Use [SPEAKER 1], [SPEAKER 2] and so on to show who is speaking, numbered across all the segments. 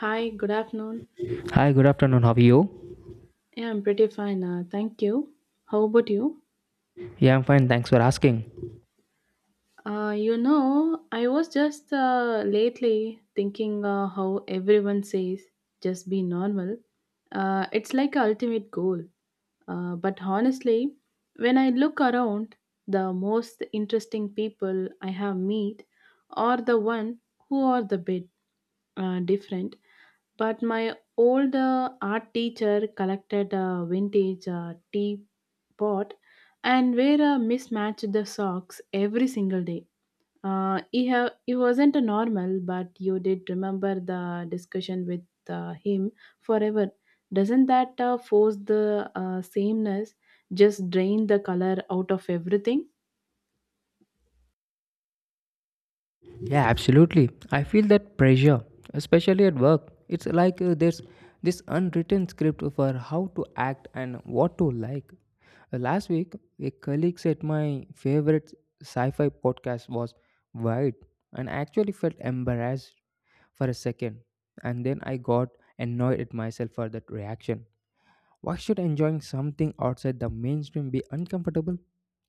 [SPEAKER 1] Hi, good afternoon.
[SPEAKER 2] Hi, good afternoon. How are you?
[SPEAKER 1] Yeah, I'm pretty fine. Thank you. How about you?
[SPEAKER 2] Yeah, I'm fine. Thanks for asking.
[SPEAKER 1] I was just lately thinking how everyone says just be normal. It's like a ultimate goal. But honestly, when I look around, the most interesting people I have meet are the one who are the bit different. But my old art teacher collected a vintage teapot and wore a mismatched the socks every single day. He wasn't a normal, but you did remember the discussion with him forever. Doesn't that force the sameness, just drain the color out of everything?
[SPEAKER 2] Yeah, absolutely. I feel that pressure, especially at work. It's like there's this unwritten script for how to act and what to like. Last week, a colleague said my favorite sci fi podcast was Wide, and I actually felt embarrassed for a second. And then I got annoyed at myself for that reaction. Why should enjoying something outside the mainstream be uncomfortable?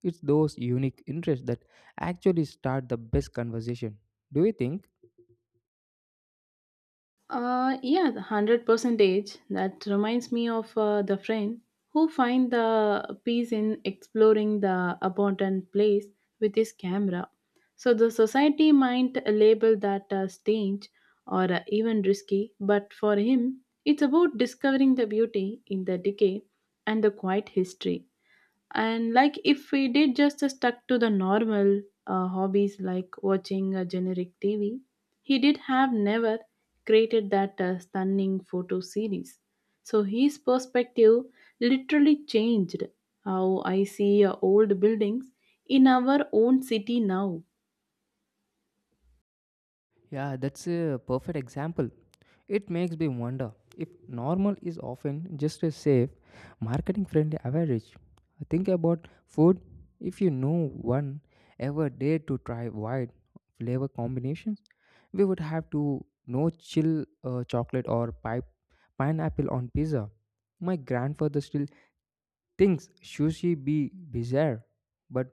[SPEAKER 2] It's those unique interests that actually start the best conversation. Do you think?
[SPEAKER 1] Yeah, the 100 percentage. That reminds me of the friend who find the peace in exploring the abandoned place with his camera. So the society might label that strange or even risky, but for him, it's about discovering the beauty in the decay and the quiet history. And like if we did just stuck to the normal hobbies like watching a generic TV, he did have never created that stunning photo series. So his perspective literally changed how I see old buildings in our own city now.
[SPEAKER 2] Yeah, that's a perfect example. It makes me wonder if normal is often just a safe, marketing friendly average. Think about food. If you know one ever dared to try wide flavor combinations, we would have to no chill chocolate or pipe, pineapple on pizza. My grandfather still thinks sushi be bizarre, but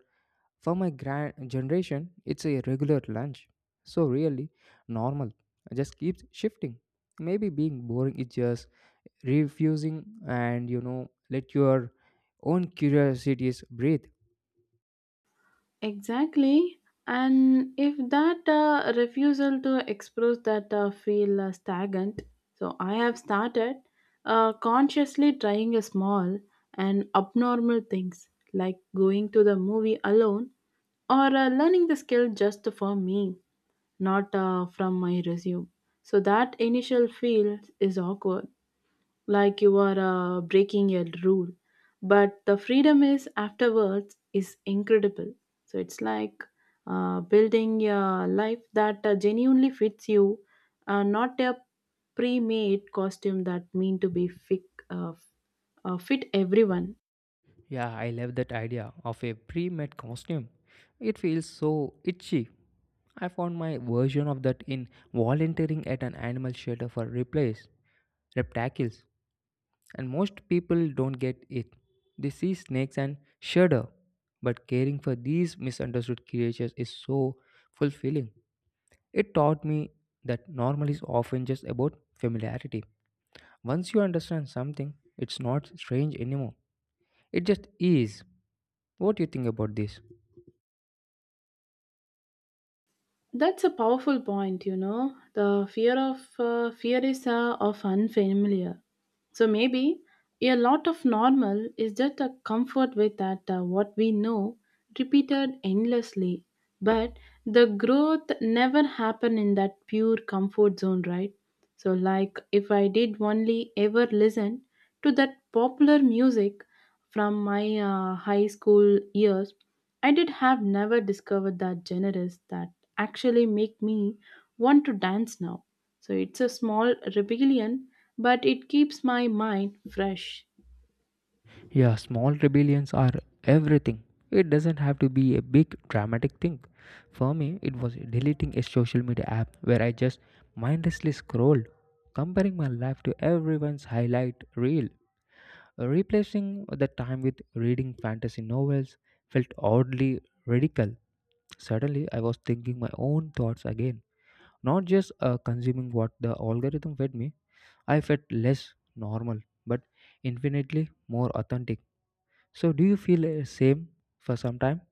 [SPEAKER 2] for my grand generation, it's a regular lunch. So really normal. Just keeps shifting. Maybe being boring is just refusing and let your own curiosities breathe.
[SPEAKER 1] Exactly. And if that refusal to express that feel stagnant, so I have started consciously trying a small and abnormal things like going to the movie alone or learning the skill just for me, not from my resume. So that initial feel is awkward, like you are breaking a rule, but the freedom is afterwards is incredible. So it's like building a life that genuinely fits you, not a pre-made costume that mean to be fit, uh, f- fit everyone.
[SPEAKER 2] Yeah, I love that idea of a pre-made costume. It feels so itchy. I found my version of that in volunteering at an animal shelter for replace reptiles. And most people don't get it. They see snakes and shudder. But caring for these misunderstood creatures is so fulfilling. It taught me that normal is often just about familiarity. Once you understand something, it's not strange anymore. It just is. What do you think about this?
[SPEAKER 1] That's a powerful point. The fear of fear is of unfamiliar. So maybe a lot of normal is just a comfort with that what we know repeated endlessly. But the growth never happen in that pure comfort zone, right? So like if I did only ever listen to that popular music from my high school years, I did have never discovered that genres that actually make me want to dance now. So it's a small rebellion, but it keeps my mind fresh.
[SPEAKER 2] Yeah, small rebellions are everything. It doesn't have to be a big dramatic thing. For me, it was deleting a social media app where I just mindlessly scrolled, comparing my life to everyone's highlight reel. Replacing the time with reading fantasy novels felt oddly radical. Suddenly, I was thinking my own thoughts again, not just consuming what the algorithm fed me. I felt less normal, but infinitely more authentic. So do you feel same for some time?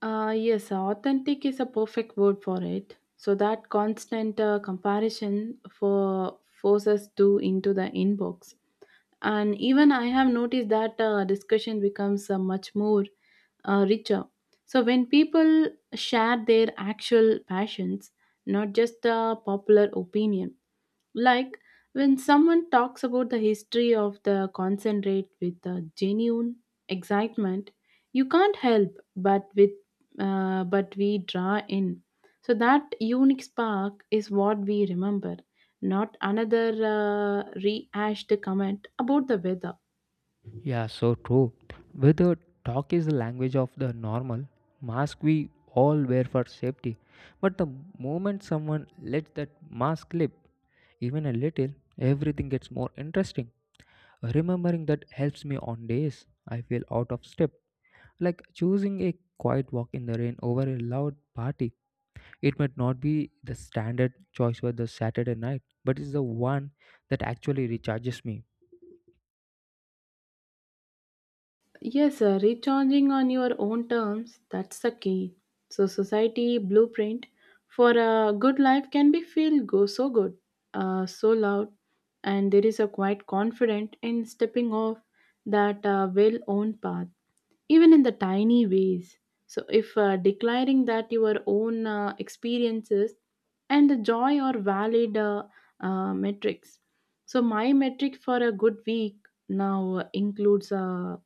[SPEAKER 1] Yes, authentic is a perfect word for it. So that constant comparison for forces to into the inbox. And even I have noticed that discussion becomes much more richer. So when people share their actual passions, not just a popular opinion, like when someone talks about the history of the concentrate with a genuine excitement, you can't help but we draw in. So that unique spark is what we remember, not another rehashed comment about the weather.
[SPEAKER 2] Yeah, so true. Whether talk is the language of the normal, mask we all wear for safety. But the moment someone lets that mask slip, even a little, everything gets more interesting. Remembering that helps me on days I feel out of step, like choosing a quiet walk in the rain over a loud party. It might not be the standard choice for the Saturday night, but it's the one that actually recharges me.
[SPEAKER 1] Yes, recharging on your own terms, that's the key. So, society blueprint for a good life can be feel go so good, so loud, and there is a quite confident in stepping off that well-owned path, even in the tiny ways. So, if declaring that your own experiences and the joy are valid metrics. So, my metric for a good week now includes a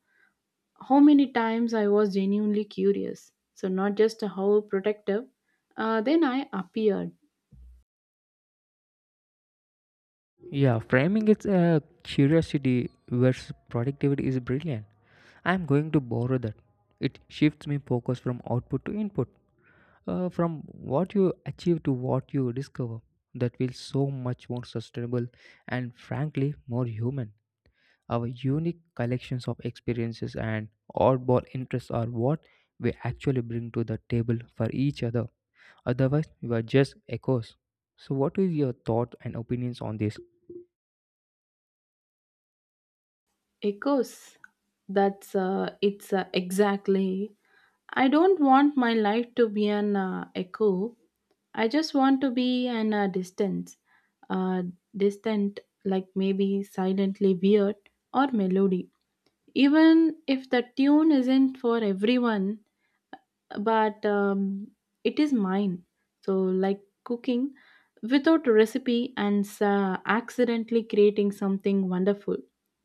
[SPEAKER 1] how many times I was genuinely curious. So, not just how protective, then I appeared.
[SPEAKER 2] Yeah, framing its a curiosity versus productivity is brilliant. I'm going to borrow that. It shifts me focus from output to input, from what you achieve to what you discover. That feels so much more sustainable and frankly more human. Our unique collections of experiences and oddball interests are what we actually bring to the table for each other. Otherwise, we are just echoes. So, what is your thought and opinions on this?
[SPEAKER 1] Echoes. That's it's exactly. I don't want my life to be an echo. I just want to be an uh, distant, like maybe silently weird or melody. Even if the tune isn't for everyone, but it is mine. So, like cooking without a recipe and accidentally creating something wonderful.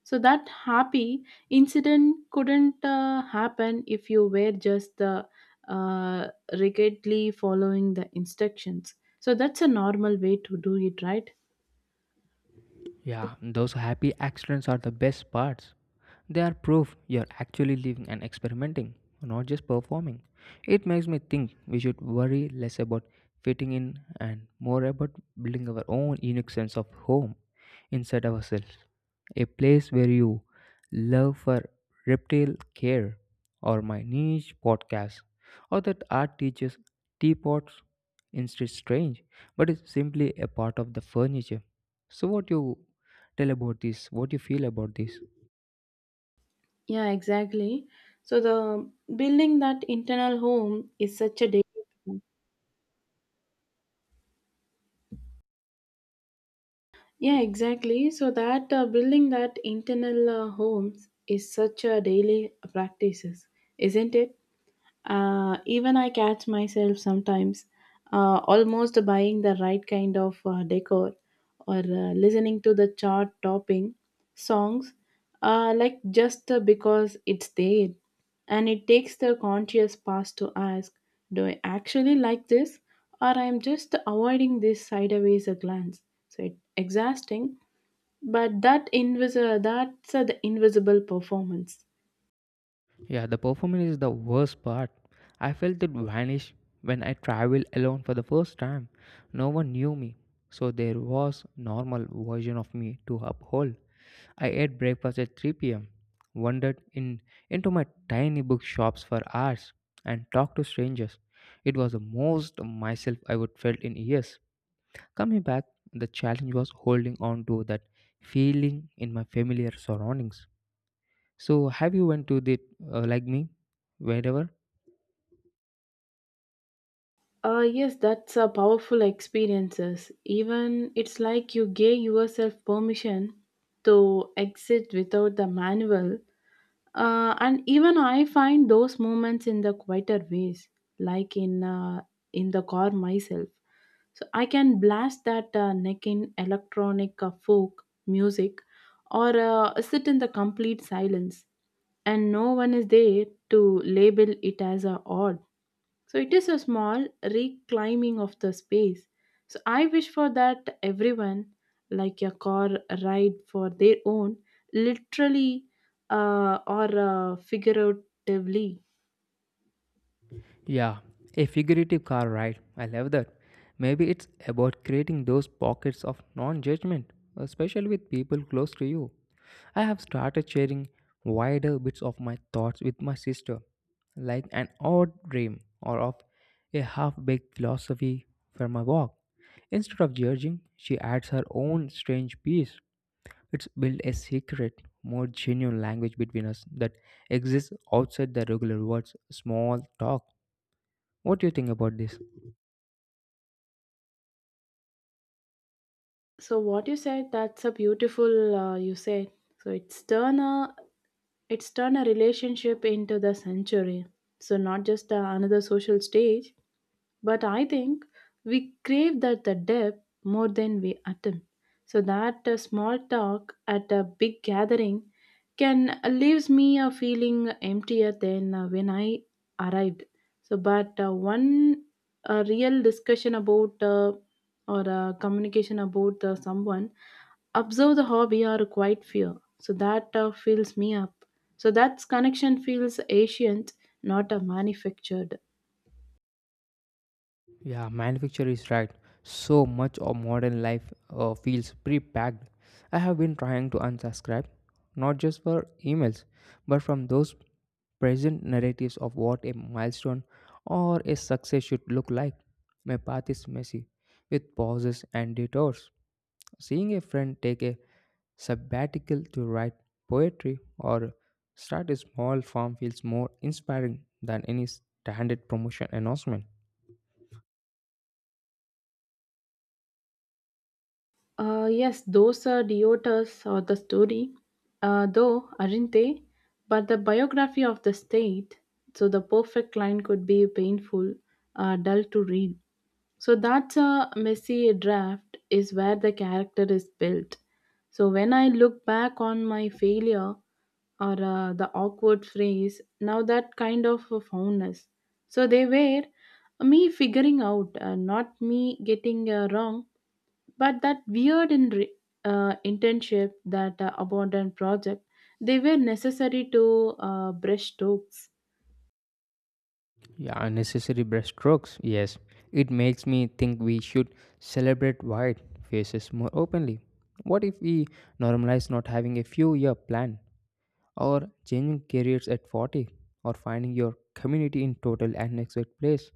[SPEAKER 1] So, that happy incident couldn't happen if you were just uh, rigidly following the instructions. So, that's a normal way to do it, right?
[SPEAKER 2] Yeah, those happy accidents are the best parts. They are proof you're actually living and experimenting, not just performing. It makes me think we should worry less about fitting in and more about building our own unique sense of home inside ourselves. A place where you love for reptile care, or my niche podcast, or that art teaches teapots, instead strange, but it's simply a part of the furniture. So what you tell about this? What you feel about this?
[SPEAKER 1] Yeah, exactly. So the building that internal home is such a daily. Yeah, exactly. So that building that internal homes is such a daily practices, isn't it? Even I catch myself sometimes almost buying the right kind of decor or listening to the chart topping songs like just because it's there. And it takes the conscious pass to ask, do I actually like this or I'm just avoiding this sideways a glance? So it's exhausting, but that invis- that's the invisible performance.
[SPEAKER 2] Yeah, the performance is the worst part. I felt it vanish when I traveled alone for the first time. No one knew me, so there was normal version of me to uphold. I ate breakfast at 3 p.m., wandered in into my tiny bookshops for hours, and talked to strangers. It was the most myself I would felt in years. Coming back, the challenge was holding on to that feeling in my familiar surroundings. So have you went to the like me wherever?
[SPEAKER 1] Yes, that's a powerful experiences. Even it's like you gave yourself permission to exit without the manual. And even I find those moments in the quieter ways, like in the car myself. So I can blast that neck in electronic folk music, or sit in the complete silence, and no one is there to label it as a odd. So it is a small reclaiming of the space. So I wish for that everyone, like a car ride for their own, literally or figuratively.
[SPEAKER 2] Yeah, a figurative car ride. I love that. Maybe it's about creating those pockets of non judgment, especially with people close to you. I have started sharing wider bits of my thoughts with my sister, like an odd dream or of a half baked philosophy for my walk. Instead of judging, she adds her own strange piece. It's built a secret, more genuine language between us that exists outside the regular words, small talk. What do you think about this?
[SPEAKER 1] So what you said, that's a beautiful. You said so. It's turn a relationship into the century. So not just another social stage. But I think we crave that the depth more than we attempt. So that small talk at a big gathering can leaves me a feeling emptier than when I arrived. So, but one real discussion about or communication about someone observe the hobby or quiet fear. So that fills me up. So that connection feels ancient, not manufactured.
[SPEAKER 2] Yeah, manufacture is right. So much of modern life feels pre-packed. I have been trying to unsubscribe, not just for emails, but from those present narratives of what a milestone or a success should look like. My path is messy, with pauses and detours. Seeing a friend take a sabbatical to write poetry or start a small farm feels more inspiring than any standard promotion announcement.
[SPEAKER 1] Yes, those deotas are the story, though, aren't they? But the biography of the state, so the perfect line could be painful, dull to read. So that's a messy draft is where the character is built. So when I look back on my failure or the awkward phrase, now that kind of a fondness. So they were me figuring out, not me getting wrong, but that weird internship, that abandoned project, they were necessary to brush strokes.
[SPEAKER 2] Yeah, unnecessary brushstrokes. Yes, it makes me think we should celebrate white faces more openly. What if we normalize not having a few year plan or changing careers at 40 or finding your community in total unexpected place?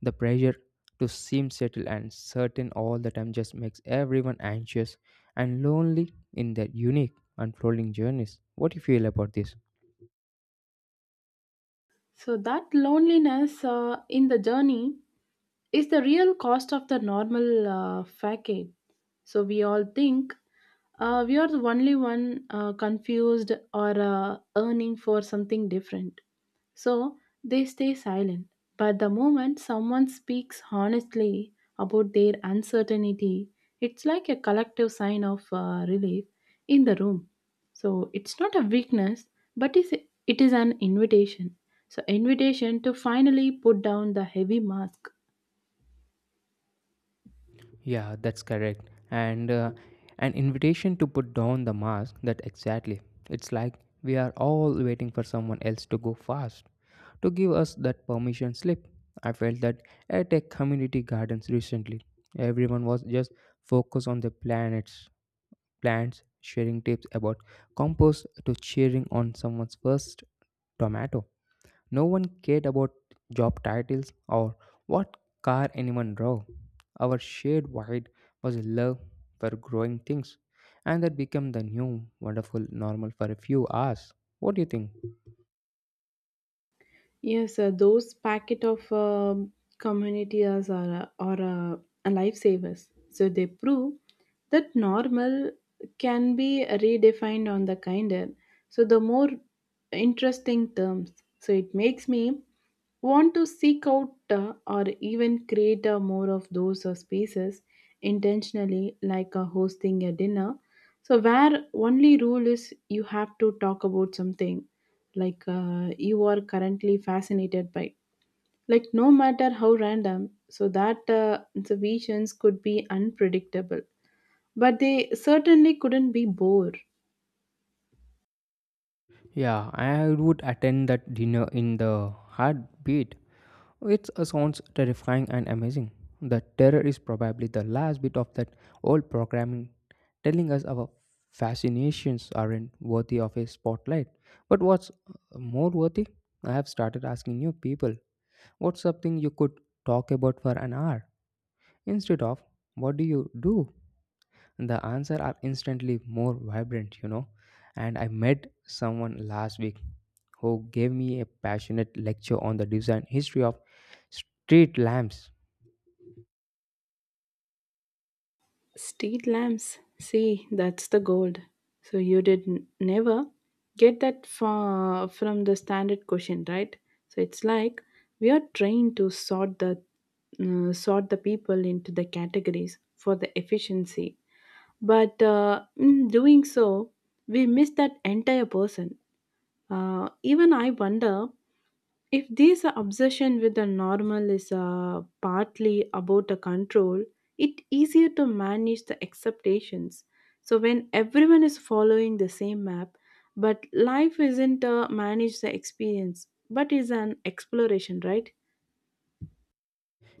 [SPEAKER 2] The pressure to seem settled and certain all the time just makes everyone anxious and lonely in their unique unfolding journeys. What do you feel about this?
[SPEAKER 1] So that loneliness in the journey is the real cost of the normal facade. So we all think we are the only one confused or earning for something different. So they stay silent. But the moment someone speaks honestly about their uncertainty, it's like a collective sign of relief in the room. So it's not a weakness, but is it is an invitation. So invitation to finally put down the heavy mask.
[SPEAKER 2] Yeah, that's correct. And an invitation to put down the mask, that exactly. It's like we are all waiting for someone else to go fast, to give us that permission slip. I felt that at a community gardens recently, everyone was just focused on the planets, plants, sharing tips about compost to cheering on someone's first tomato. No one cared about job titles or what car anyone drove. Our shared void was a love for growing things, and that became the new, wonderful normal for a few hours. What do you think?
[SPEAKER 1] Yes, those packet of communities are a lifesavers. So they prove that normal can be redefined on the kinder. So the more interesting terms. So it makes me want to seek out or even create more of those spaces intentionally, like hosting a dinner so where only rule is you have to talk about something, like you are currently fascinated by, like no matter how random. So that observations could be unpredictable, but they certainly couldn't be bored.
[SPEAKER 2] Yeah, I would attend that dinner in the heartbeat. It sounds terrifying and amazing. The terror is probably the last bit of that old programming telling us our fascinations aren't worthy of a spotlight. But what's more worthy? I have started asking you people what's something you could talk about for an hour instead of what do you do? The answers are instantly more vibrant and I met someone last week who gave me a passionate lecture on the design history of street lamps.
[SPEAKER 1] Street lamps. See, that's the gold. So you did never get that far from the standard question, right? So it's like we are trained to sort the people into the categories for the efficiency, but in doing so, we miss that entire person. Even I wonder if this obsession with the normal is partly about a control. It easier to manage the expectations, so when everyone is following the same map, but life isn't a manage the experience but is an exploration, right?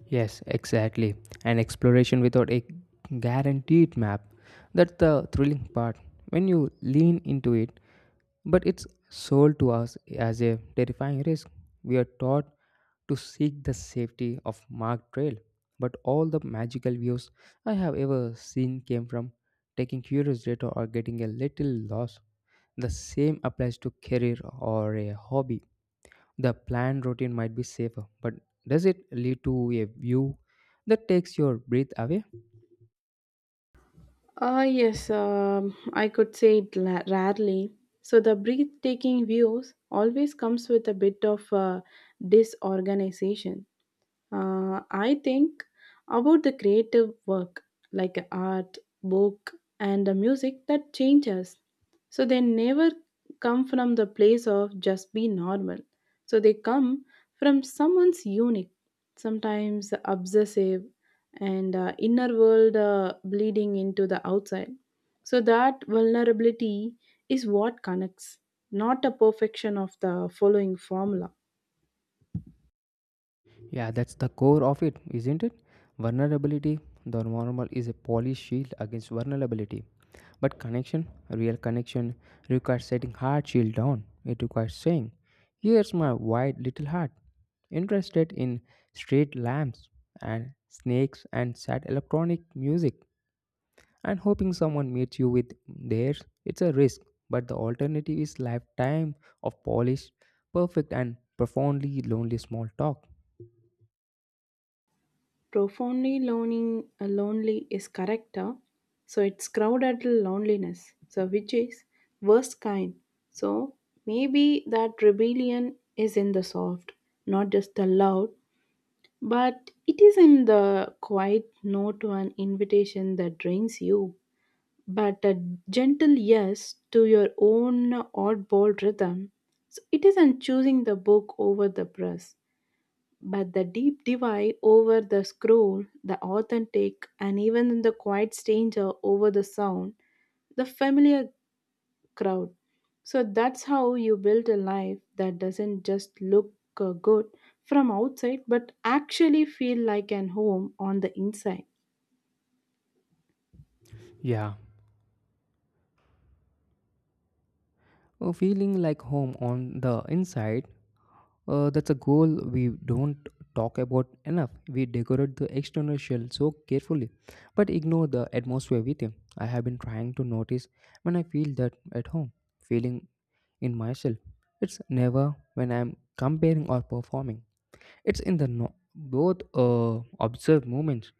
[SPEAKER 2] Yes, exactly. An exploration without a guaranteed map. That's the thrilling part. When you lean into it, but it's sold to us as a terrifying risk. We are taught to seek the safety of marked trail, but all the magical views I have ever seen came from taking curious data or getting a little lost. The same applies to career or a hobby. The planned routine might be safer, but does it lead to a view that takes your breath away?
[SPEAKER 1] Ah, yes, I could say it rarely. So the breathtaking views always comes with a bit of disorganization. I think about the creative work like art, book, and the music that changes. So they never come from the place of just be normal. So they come from someone's unique, sometimes obsessive, and inner world bleeding into the outside. So that vulnerability is what connects, not a perfection of the following formula.
[SPEAKER 2] Yeah, that's the core of it, isn't it? Vulnerability, the normal is a polished shield against vulnerability. But connection, real connection, requires setting hard shield down. It requires saying, here's my wide little heart, interested in street lamps and snakes and sad electronic music, and hoping someone meets you with theirs. It's a risk, but the alternative is lifetime of polished, perfect, and profoundly lonely small talk.
[SPEAKER 1] Profoundly lonely is correct. So it's crowded loneliness. So which is worst kind. So maybe that rebellion is in the soft, not just the loud, but it is in the quiet no to an invitation that drains you. But a gentle yes to your own oddball rhythm. So it isn't choosing the book over the press but the deep divide over the scroll, the authentic, and even the quiet stranger over the sound, the familiar crowd. So that's how you build a life that doesn't just look good from outside, but actually feel like an home on the inside.
[SPEAKER 2] Yeah, feeling like home on the inside, that's a goal we don't talk about enough. We decorate the external shell so carefully, but ignore the atmosphere within. I have been trying to notice when I feel that at home, feeling in myself. It's never when I'm comparing or performing. It's in the both observed moments,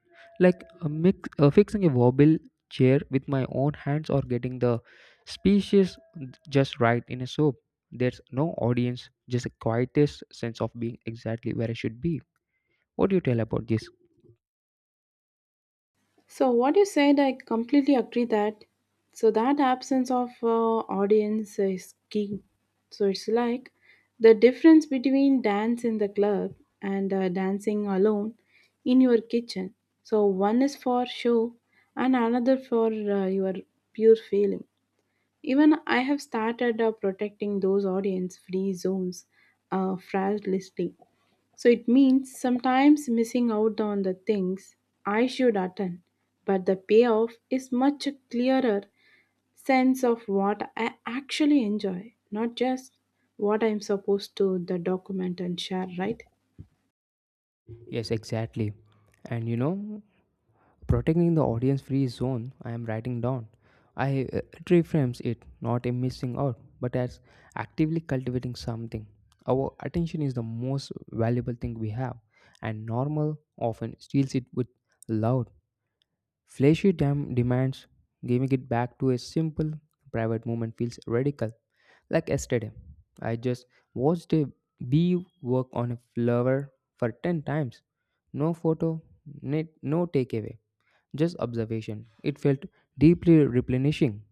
[SPEAKER 2] like a mix, fixing a wobble chair with my own hands, or getting the species just right in a soap. There's no audience, just a quietest sense of being exactly where I should be. What do you tell about this?
[SPEAKER 1] So what you said, I completely agree that. So that absence of audience is key. So it's like the difference between dance in the club and dancing alone in your kitchen. So one is for show and another for your pure feeling. Even I have started protecting those audience free zones fragilely. So it means sometimes missing out on the things I should attend, but the payoff is much clearer sense of what I actually enjoy, not just what I'm supposed to the document and share, right?
[SPEAKER 2] Yes, exactly. And protecting the audience free zone, I am writing down. I It reframes it not in missing out, but as actively cultivating something. Our attention is the most valuable thing we have, and normal often steals it with loud, flashy demands. Giving it back to a simple, private moment feels radical. Like yesterday, I just watched a bee work on a flower for 10 times. No photo, no takeaway, just observation. It felt deeply replenishing.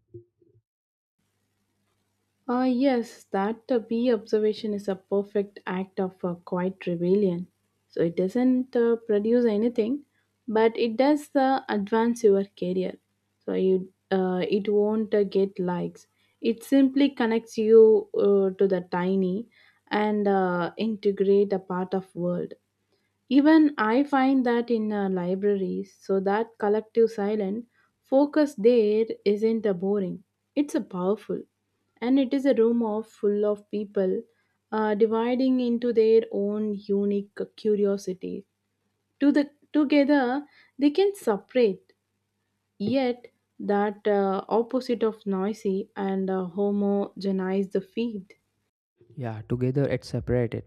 [SPEAKER 1] Yes, that bee observation is a perfect act of quiet rebellion. So it doesn't produce anything, but it does advance your career. So you, it won't get likes. It simply connects you to the tiny and integrate a part of world. Even I find that in libraries, so that collective silent focus there isn't a boring. It's a powerful, and it is a room of full of people, dividing into their own unique curiosity. To the together, they can separate. Yet that opposite of noisy and homogenized feed.
[SPEAKER 2] Yeah, together it separated.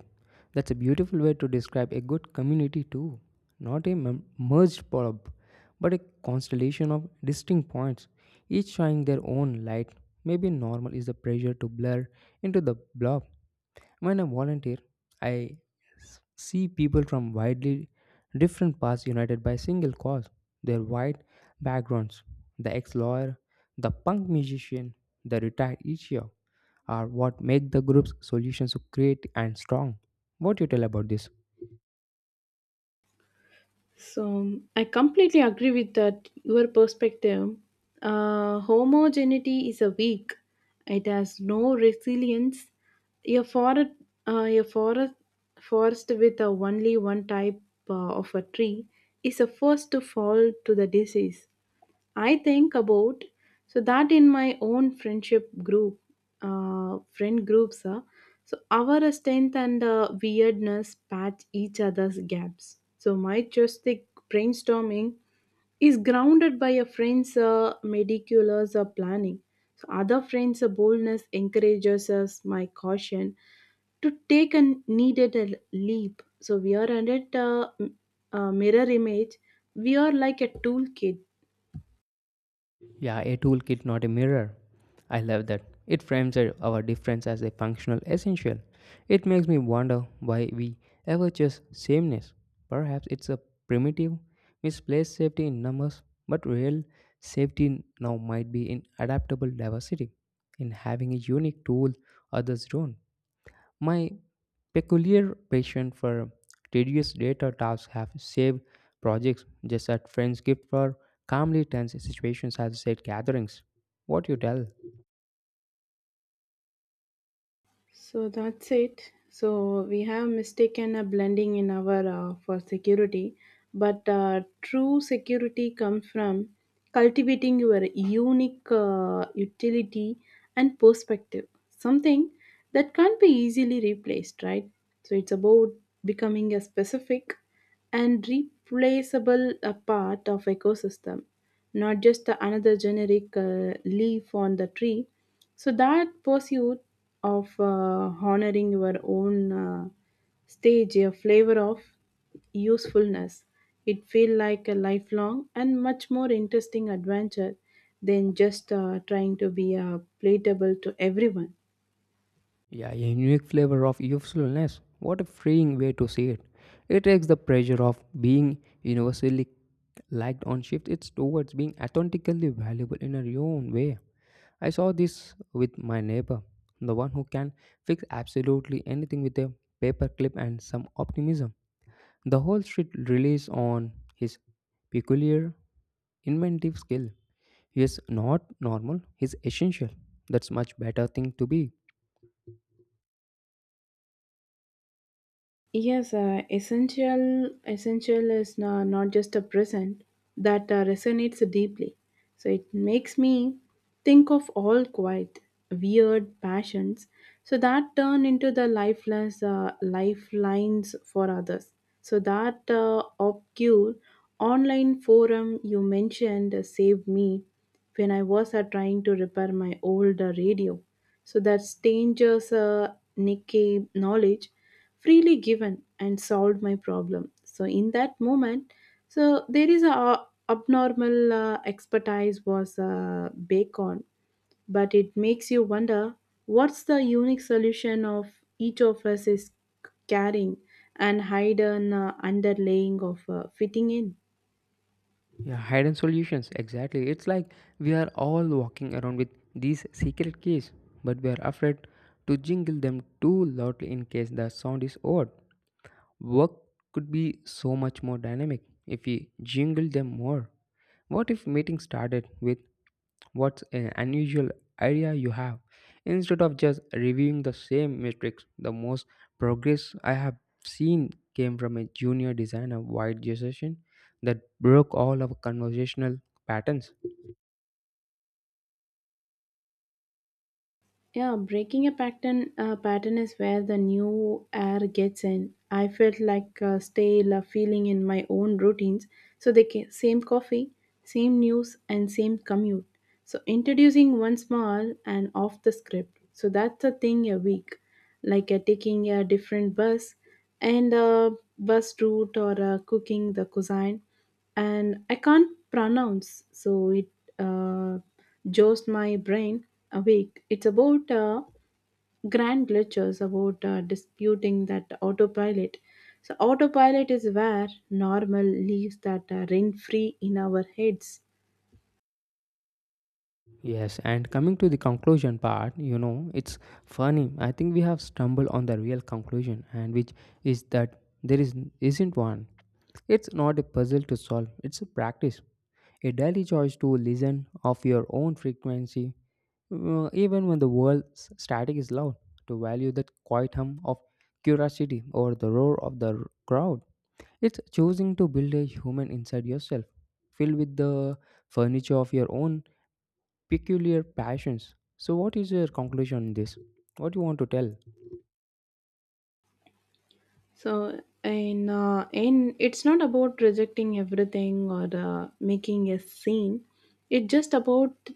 [SPEAKER 2] That's a beautiful way to describe a good community too. Not a merged blob, but a constellation of distinct points, each shining their own light. Maybe normal is the pressure to blur into the blob. When I volunteer, I see people from widely different paths united by a single cause, their wide backgrounds. The ex lawyer, the punk musician, the retired teacher are what make the group's solutions so creative and strong. What do you tell about this?
[SPEAKER 1] So I completely agree with that your perspective. Homogeneity is a weak. It has no resilience. A forest, uh, a forest, forest with a only one type of a tree is the first to fall to the disease. I think about so that in my own friendship group, friend groups, so our strength and weirdness patch each other's gaps. So my joystick brainstorming is grounded by a friend's meticulous planning. So other friend's boldness encourages us, my caution, to take a needed a leap. So we are under a mirror image. We are like a toolkit.
[SPEAKER 2] Yeah, a toolkit, not a mirror. I love that. It frames our difference as a functional essential. It makes me wonder why we ever choose sameness. Perhaps it's a primitive, misplaced safety in numbers, but real safety now might be in adaptable diversity, in having a unique tool others don't. My peculiar passion for tedious data tasks have saved projects just as friends gift for calmly tense situations as said gatherings. What you tell?
[SPEAKER 1] So that's it. So we have mistaken a blending in our for security, but true security comes from cultivating your unique utility and perspective, something that can't be easily replaced, right? So it's about becoming a specific and replaceable a part of ecosystem, not just the another generic leaf on the tree, so that pursuit of honoring your own stage a flavor of usefulness, it feel like a lifelong and much more interesting adventure than just trying to be palatable to everyone.
[SPEAKER 2] Yeah, a unique flavor of usefulness. What a freeing way to see it. It takes the pressure of being universally liked on shift. It's towards being authentically valuable in your own way. I saw this with my neighbor, the one who can fix absolutely anything with a paper clip and some optimism. The whole street relies on his peculiar inventive skill. He is not normal, he is essential. That's much better thing to be.
[SPEAKER 1] Yes, essential is not just a present that resonates deeply. So it makes me think of all quite weird passions, so that turn into the lifeless lifelines for others. So that obscure online forum you mentioned saved me when I was trying to repair my old radio. So that stranger's Nikkei knowledge freely given and solved my problem, so in that moment, so there is a abnormal expertise was baked on, but it makes you wonder what's the unique solution of each of us is carrying and hidden underlaying of fitting in.
[SPEAKER 2] Yeah, hidden solutions, exactly. It's like we are all walking around with these secret keys, but we are afraid to jingle them too loudly in case the sound is odd. Work could be so much more dynamic if we jingle them more. What if meetings started with what's an unusual idea you have instead of just reviewing the same matrix? The most progress I have seen came from a junior designer wide decision that broke all of conversational patterns.
[SPEAKER 1] Yeah, breaking a pattern is where the new air gets in. I felt like a stale feeling in my own routines. So the same coffee, same news, and same commute. So introducing one small and off the script. So that's a thing a week, like taking a different bus and a bus route or cooking the cuisine and I can't pronounce, so it uh, jolts my brain awake. It's about grand glitches, about disputing that autopilot. So, autopilot is where normal leaves that rent free in our heads.
[SPEAKER 2] Yes, and coming to the conclusion part, it's funny. I think we have stumbled on the real conclusion, and which is that there is isn't one. It's not a puzzle to solve. It's a practice, a daily choice to listen of your own frequency, even when the world's static is loud. To value that quiet hum of curiosity or the roar of the crowd. It's choosing to build a human inside yourself, filled with the furniture of your own peculiar passions. So, what is your conclusion on this? What you want to tell?
[SPEAKER 1] So in it's not about rejecting everything or making a scene. It's just about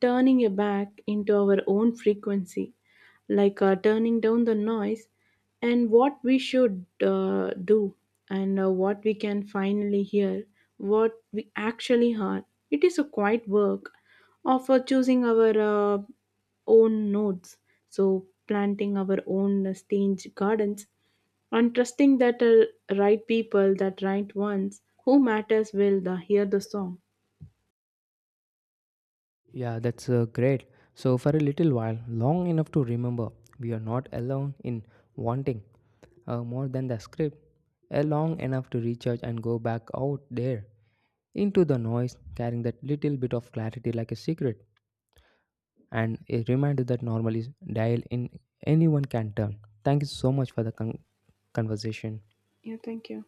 [SPEAKER 1] turning it back into our own frequency, like turning down the noise and what we should do and what we can finally hear, what we actually heard. It is a quiet work of choosing our own nodes. So planting our own stage gardens and trusting that the right people, that right ones who matters will the, hear the song.
[SPEAKER 2] Yeah, that's great. So, for a little while, long enough to remember, we are not alone in wanting more than the script. A long enough to recharge and go back out there into the noise, carrying that little bit of clarity like a secret and a reminder that normal is dial in anyone can turn. Thank you so much for the conversation.
[SPEAKER 1] Yeah, thank you.